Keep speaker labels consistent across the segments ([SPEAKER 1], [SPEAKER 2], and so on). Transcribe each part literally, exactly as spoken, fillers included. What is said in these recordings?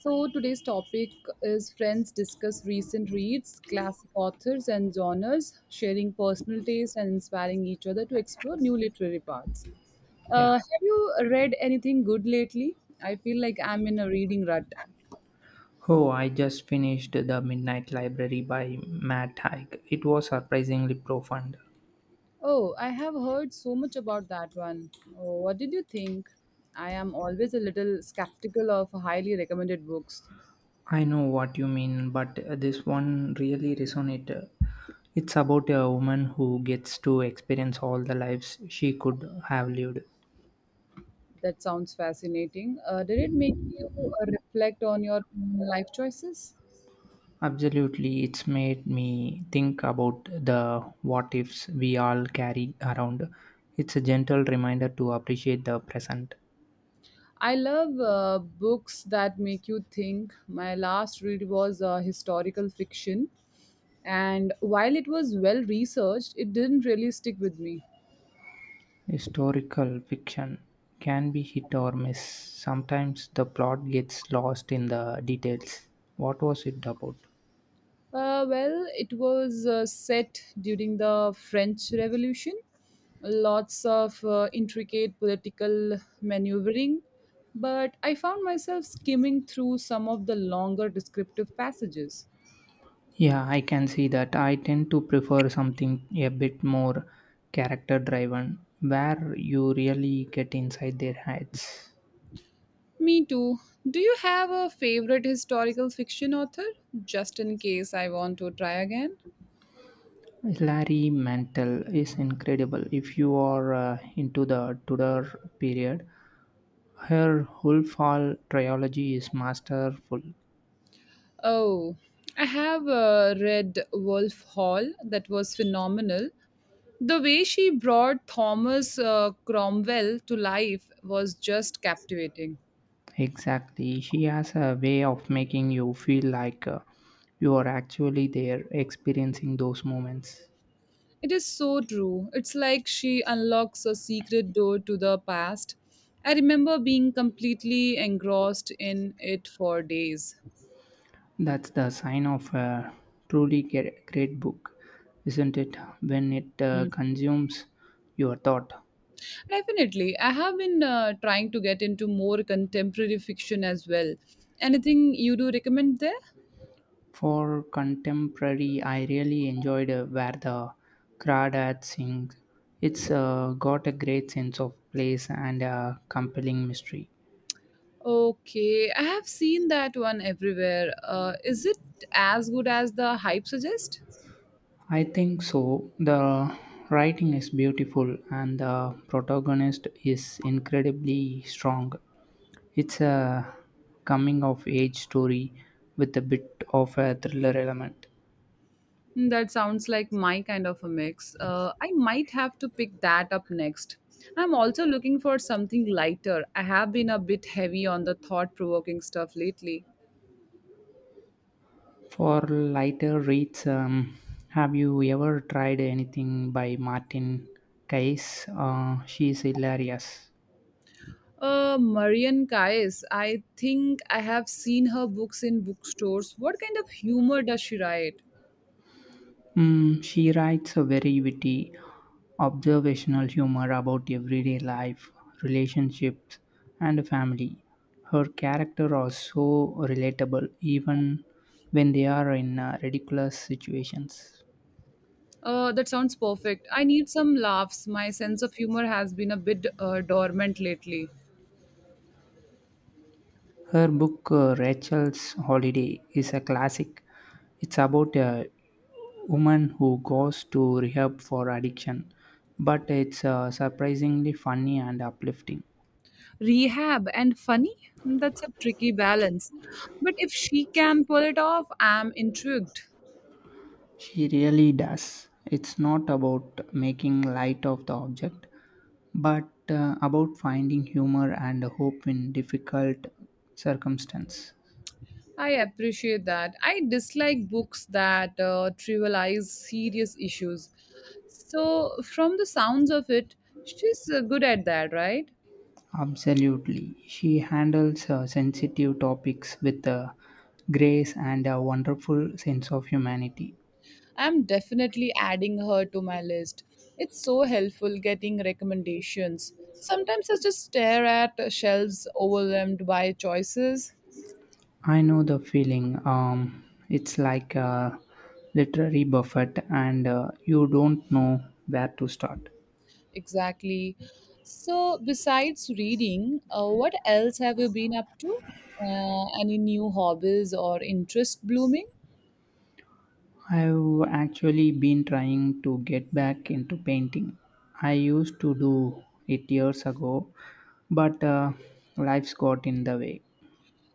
[SPEAKER 1] So, today's topic is friends discuss recent reads, classic authors, and genres, sharing personal taste and inspiring each other to explore new literary paths. Uh,
[SPEAKER 2] Yeah.
[SPEAKER 1] have you read anything good lately? I feel like I'm in a reading rut.
[SPEAKER 2] Oh, I just finished The Midnight Library by Matt Haig. It was surprisingly profound.
[SPEAKER 1] Oh, I have heard so much about that one. Oh, what did you think? I am always a little skeptical of highly recommended books.
[SPEAKER 2] I know what you mean, but this one really resonated. It's about a woman who gets to experience all the lives she could have lived.
[SPEAKER 1] That sounds fascinating. Uh, did it make you uh, reflect on your life choices?
[SPEAKER 2] Absolutely, it's made me think about the what ifs we all carry around. It's a gentle reminder to appreciate the present.
[SPEAKER 1] I love uh, books that make you think. My last read was uh, historical fiction, and while it was well researched, it didn't really stick with me.
[SPEAKER 2] Historical fiction can be hit or miss. Sometimes the plot gets lost in the details. What was it about?
[SPEAKER 1] Uh, well, it was uh, set during the French Revolution. Lots of uh, intricate political maneuvering, but I found myself skimming through some of the longer descriptive passages.
[SPEAKER 2] Yeah, I can see that. I tend to prefer something a bit more character driven, where you really get inside their heads.
[SPEAKER 1] Me too. Do you have a favorite historical fiction author? Just in case I want to try again.
[SPEAKER 2] Larry Mantle is incredible. If you are uh, into the Tudor period, her whole fall trilogy is masterful.
[SPEAKER 1] Oh, I have uh, read Wolf Hall, that was phenomenal. The way she brought Thomas uh, Cromwell to life was just captivating.
[SPEAKER 2] Exactly. She has a way of making you feel like uh, you are actually there experiencing those moments.
[SPEAKER 1] It is so true. It's like she unlocks a secret door to the past. I remember being completely engrossed in it for days.
[SPEAKER 2] That's the sign of a truly ge- great book, isn't it? When it uh, consumes your thought.
[SPEAKER 1] Definitely. I have been uh, trying to get into more contemporary fiction as well. Anything you do recommend there?
[SPEAKER 2] For contemporary, I really enjoyed uh, Where the Crawdads Sing. It's uh, got a great sense of place and a compelling mystery.
[SPEAKER 1] Okay, I have seen that one everywhere. Uh, is it as good as the hype suggests?
[SPEAKER 2] I think so. The writing is beautiful and the protagonist is incredibly strong. It's a coming of age story with a bit of a thriller element.
[SPEAKER 1] Hmm, That sounds like my kind of a mix. Uh, I might have to pick that up next. I'm also looking for something lighter. I have been a bit heavy on the thought provoking stuff lately.
[SPEAKER 2] For lighter reads, um, have you ever tried anything by Martin Kayes? Uh, she's hilarious.
[SPEAKER 1] Uh, Marian Kayes. I think I have seen her books in bookstores. What kind of humor does she write?
[SPEAKER 2] Mm, she writes a very witty, observational humor about everyday life, relationships, and family. Her characters are so relatable, even when they are in uh, ridiculous situations.
[SPEAKER 1] Uh, that sounds perfect. I need some laughs. My sense of humor has been a bit uh, dormant lately.
[SPEAKER 2] Her book, uh, Rachel's Holiday, is a classic. It's about a woman who goes to rehab for addiction, but it's uh, surprisingly funny and uplifting.
[SPEAKER 1] Rehab and funny? That's a tricky balance. But if she can pull it off, I'm intrigued.
[SPEAKER 2] She really does. It's not about making light of the object, but uh, about finding humor and hope in difficult circumstances.
[SPEAKER 1] I appreciate that. I dislike books that uh, trivialize serious issues. So, from the sounds of it, she's uh, good at that, right?
[SPEAKER 2] Absolutely. She handles uh, sensitive topics with uh, grace and a wonderful sense of humanity.
[SPEAKER 1] I'm definitely adding her to my list. It's so helpful getting recommendations. Sometimes I just stare at shelves overwhelmed by choices.
[SPEAKER 2] I know the feeling. Um, it's like a literary buffet, and uh, you don't know where to start.
[SPEAKER 1] Exactly. So, besides reading, uh, what else have you been up to? Uh, any new hobbies or interest blooming?
[SPEAKER 2] I've actually been trying to get back into painting. I used to do it years ago, but uh, life's got in the way.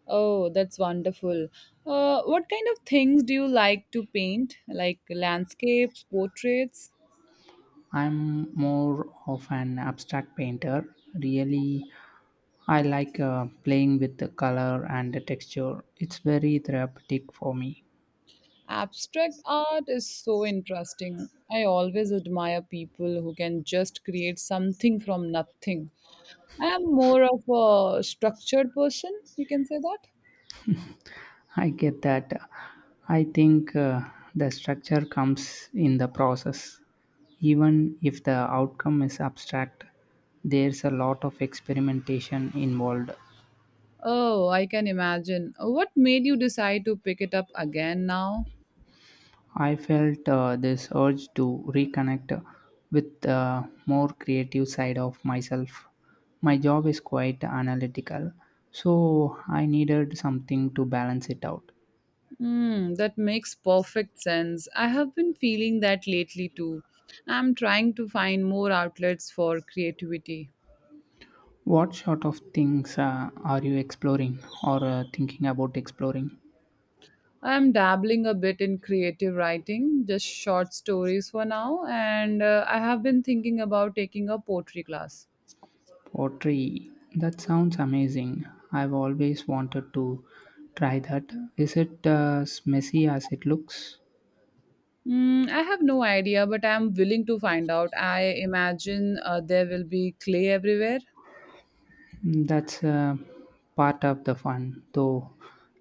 [SPEAKER 1] Oh, that's wonderful. Uh, what kind of things do you like to paint? Like landscapes, portraits?
[SPEAKER 2] I'm more of an abstract painter. Really, I like uh, playing with the color and the texture. It's very therapeutic for me.
[SPEAKER 1] Abstract art is so interesting. I always admire people who can just create something from nothing. I am more of a structured person, you can say that.
[SPEAKER 2] I get that. I think uh, the structure comes in the process. Even if the outcome is abstract, there's a lot of experimentation involved.
[SPEAKER 1] Oh, I can imagine. What made you decide to pick it up again now?
[SPEAKER 2] I felt uh, this urge to reconnect with the more creative side of myself. My job is quite analytical, so I needed something to balance it out.
[SPEAKER 1] Mm, that makes perfect sense. I have been feeling that lately too. I'm trying to find more outlets for creativity.
[SPEAKER 2] What sort of things uh, are you exploring or uh, thinking about exploring?
[SPEAKER 1] I'm dabbling a bit in creative writing, just short stories for now, and uh, I have been thinking about taking a poetry class.
[SPEAKER 2] Pottery. That sounds amazing. I've always wanted to try that. Is it uh, as messy as it looks?
[SPEAKER 1] Mm, I have no idea, but I'm willing to find out. I imagine uh, there will be clay everywhere.
[SPEAKER 2] That's uh, part of the fun, though,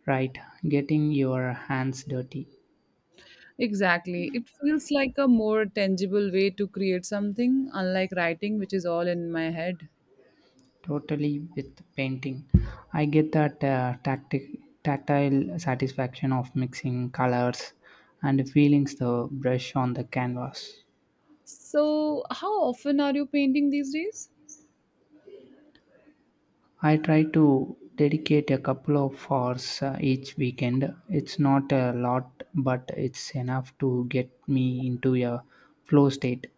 [SPEAKER 2] right? Getting your hands dirty.
[SPEAKER 1] Exactly. It feels like a more tangible way to create something, unlike writing, which is all in my head.
[SPEAKER 2] Totally with painting. I get that uh, tacti- tactile satisfaction of mixing colors and the feelings the brush on the canvas.
[SPEAKER 1] So, how often are you painting these days?
[SPEAKER 2] I try to dedicate a couple of hours uh, each weekend. It's not a lot, but it's enough to get me into a flow state.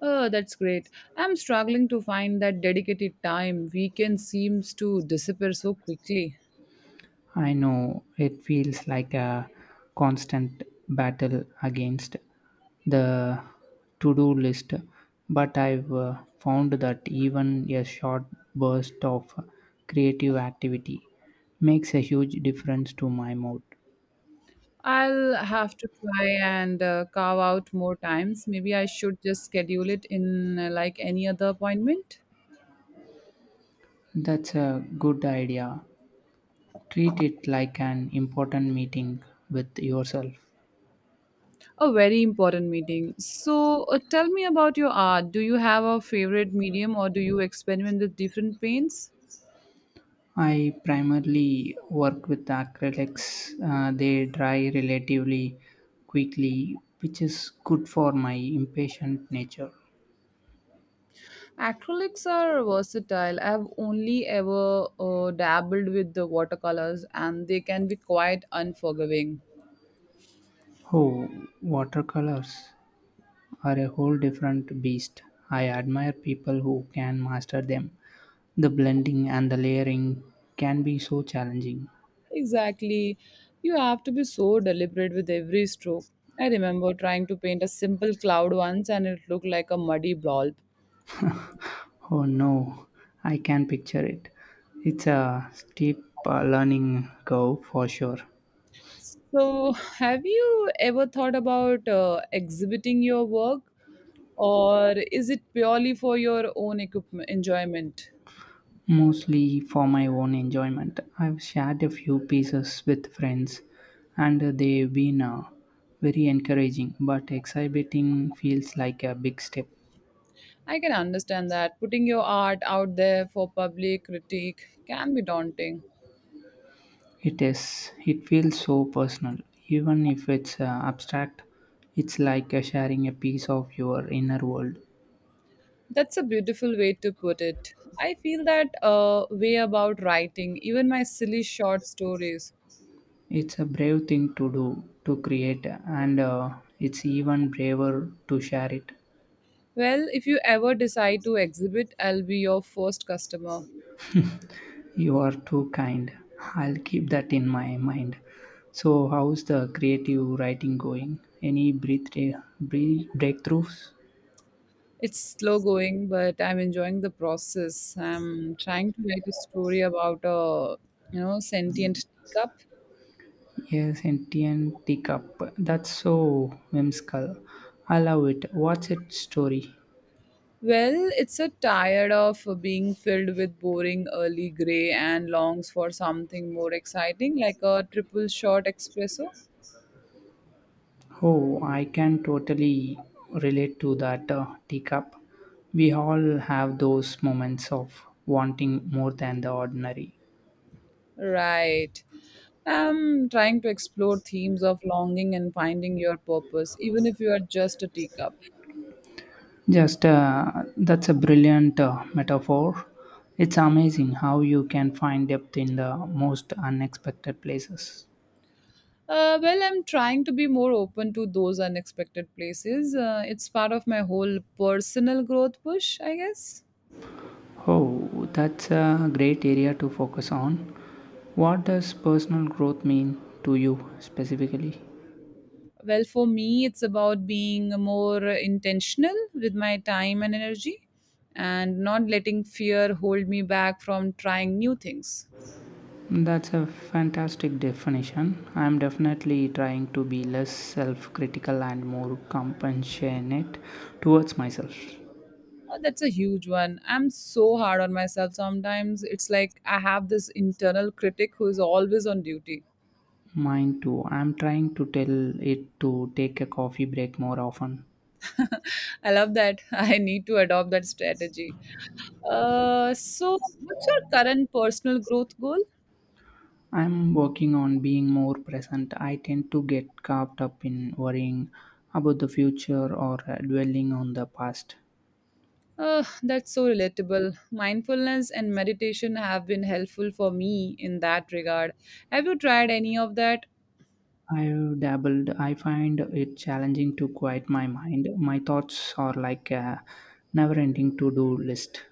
[SPEAKER 1] Oh, that's great. I'm struggling to find that dedicated time. Weekend seems to disappear so quickly.
[SPEAKER 2] I know it feels like a constant battle against the to do list, but I've uh, found that even a short burst of creative activity makes a huge difference to my mood.
[SPEAKER 1] I'll have to try and uh, carve out more times. Maybe I should just schedule it in uh, like any other appointment.
[SPEAKER 2] That's a good idea. Treat it like an important meeting with yourself.
[SPEAKER 1] A very important meeting. So, uh, tell me about your art. Do you have a favorite medium or do you experiment with different paints?
[SPEAKER 2] I primarily work with acrylics. Uh, they dry relatively quickly, which is good for my impatient nature.
[SPEAKER 1] Acrylics are versatile. I've only ever uh, dabbled with the watercolors and they can be quite unforgiving.
[SPEAKER 2] Oh, watercolors are a whole different beast. I admire people who can master them. The blending and the layering can be so challenging.
[SPEAKER 1] Exactly. You have to be so deliberate with every stroke. I remember trying to paint a simple cloud once and it looked like a muddy blob.
[SPEAKER 2] Oh no, I can picture it. It's a steep uh, learning curve for sure.
[SPEAKER 1] So, have you ever thought about uh, exhibiting your work or is it purely for your own equipment, enjoyment?
[SPEAKER 2] Mostly for my own enjoyment. I've shared a few pieces with friends and they've been uh, very encouraging, but exhibiting feels like a big step.
[SPEAKER 1] I can understand that putting your art out there for public critique can be daunting.
[SPEAKER 2] It is, it feels so personal. Even if it's uh, abstract, it's like uh, sharing a piece of your inner world.
[SPEAKER 1] That's a beautiful way to put it. I feel that uh, way about writing, even my silly short stories.
[SPEAKER 2] It's a brave thing to do, to create, and uh, it's even braver to share it.
[SPEAKER 1] Well, if you ever decide to exhibit, I'll be your first customer.
[SPEAKER 2] You are too kind. I'll keep that in my mind. So, how's the creative writing going? Any breath- break- breakthroughs?
[SPEAKER 1] It's slow going, but I'm enjoying the process. I'm trying to write a story about a, you know, sentient teacup.
[SPEAKER 2] Yes, sentient teacup. That's so whimsical. I love it. What's its story?
[SPEAKER 1] Well, it's a tired of being filled with boring early gray and longs for something more exciting like a triple shot espresso.
[SPEAKER 2] Oh, I can totally relate to that uh, teacup. We all have those moments of wanting more than the ordinary.
[SPEAKER 1] Right. I'm trying to explore themes of longing and finding your purpose, even if you are just a teacup.
[SPEAKER 2] Just uh, That's a brilliant uh, metaphor. It's amazing how you can find depth in the most unexpected places.
[SPEAKER 1] Uh, well, I'm trying to be more open to those unexpected places. Uh, it's part of my whole personal growth push, I guess.
[SPEAKER 2] Oh, that's a great area to focus on. What does personal growth mean to you specifically?
[SPEAKER 1] Well, for me, it's about being more intentional with my time and energy and not letting fear hold me back from trying new things.
[SPEAKER 2] That's a fantastic definition. I'm definitely trying to be less self critical and more compassionate towards myself.
[SPEAKER 1] Uh, that's a huge one. I'm so hard on myself sometimes. It's like I have this internal critic who is always on duty.
[SPEAKER 2] Mine too. I'm trying to tell it to take a coffee break more often.
[SPEAKER 1] I love that. I need to adopt that strategy. Uh, so, what's your current personal growth goal?
[SPEAKER 2] I'm working on being more present. I tend to get caught up in worrying about the future or uh, dwelling on the past.
[SPEAKER 1] Uh, that's so relatable. Mindfulness and meditation have been helpful for me in that regard. Have you tried any of that?
[SPEAKER 2] I've dabbled. I find it challenging to quiet my mind. My thoughts are like a never ending to do list.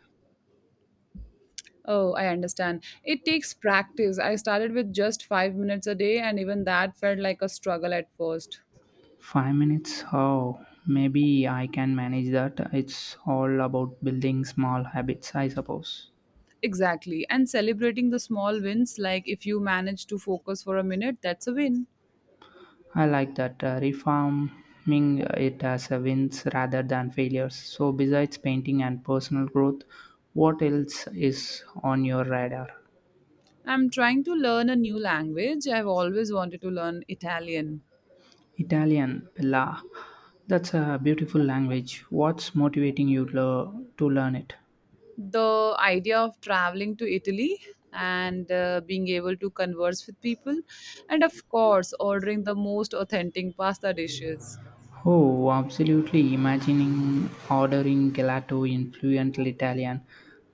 [SPEAKER 1] Oh, I understand. It takes practice. I started with just five minutes a day, and even that felt like a struggle at first.
[SPEAKER 2] Five minutes? Oh, maybe I can manage that. It's all about building small habits, I suppose.
[SPEAKER 1] Exactly. And celebrating the small wins, like if you manage to focus for a minute, that's a win.
[SPEAKER 2] I like that. Uh, reforming it as a wins rather than failures. So, besides painting and personal growth, what else is on your radar?
[SPEAKER 1] I'm trying to learn a new language. I've always wanted to learn Italian.
[SPEAKER 2] Italian, Bella. That's a beautiful language. What's motivating you lo- to learn it?
[SPEAKER 1] The idea of traveling to Italy and uh, being able to converse with people, and of course, ordering the most authentic pasta dishes.
[SPEAKER 2] Oh, absolutely. Imagining ordering gelato in fluent Italian.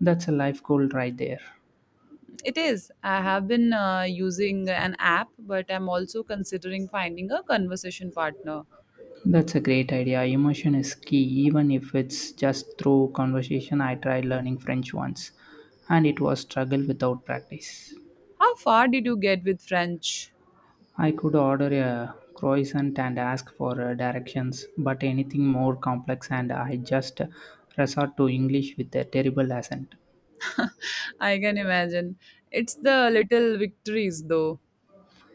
[SPEAKER 2] That's a life goal right there.
[SPEAKER 1] It is. I have been uh, using an app, but I'm also considering finding a conversation partner.
[SPEAKER 2] That's a great idea. Emotion is key, even if it's just through conversation. I tried learning French once and it was struggle without practice.
[SPEAKER 1] How far did you get with French?
[SPEAKER 2] I could order a croissant and ask for uh, directions, but anything more complex, and I just uh, resort to English with a terrible accent.
[SPEAKER 1] I can imagine. It's the little victories, though.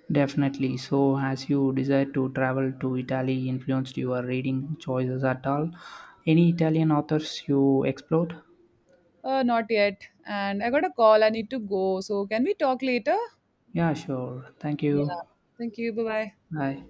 [SPEAKER 2] Definitely. So, as you desire to travel to Italy, influenced your reading choices at all? Any Italian authors you explored?
[SPEAKER 1] Uh, not yet. And I got a call. I need to go. So can we talk later?
[SPEAKER 2] Yeah, sure. Thank
[SPEAKER 1] Yeah.
[SPEAKER 2] you.
[SPEAKER 1] Thank you. Bye bye.
[SPEAKER 2] Bye.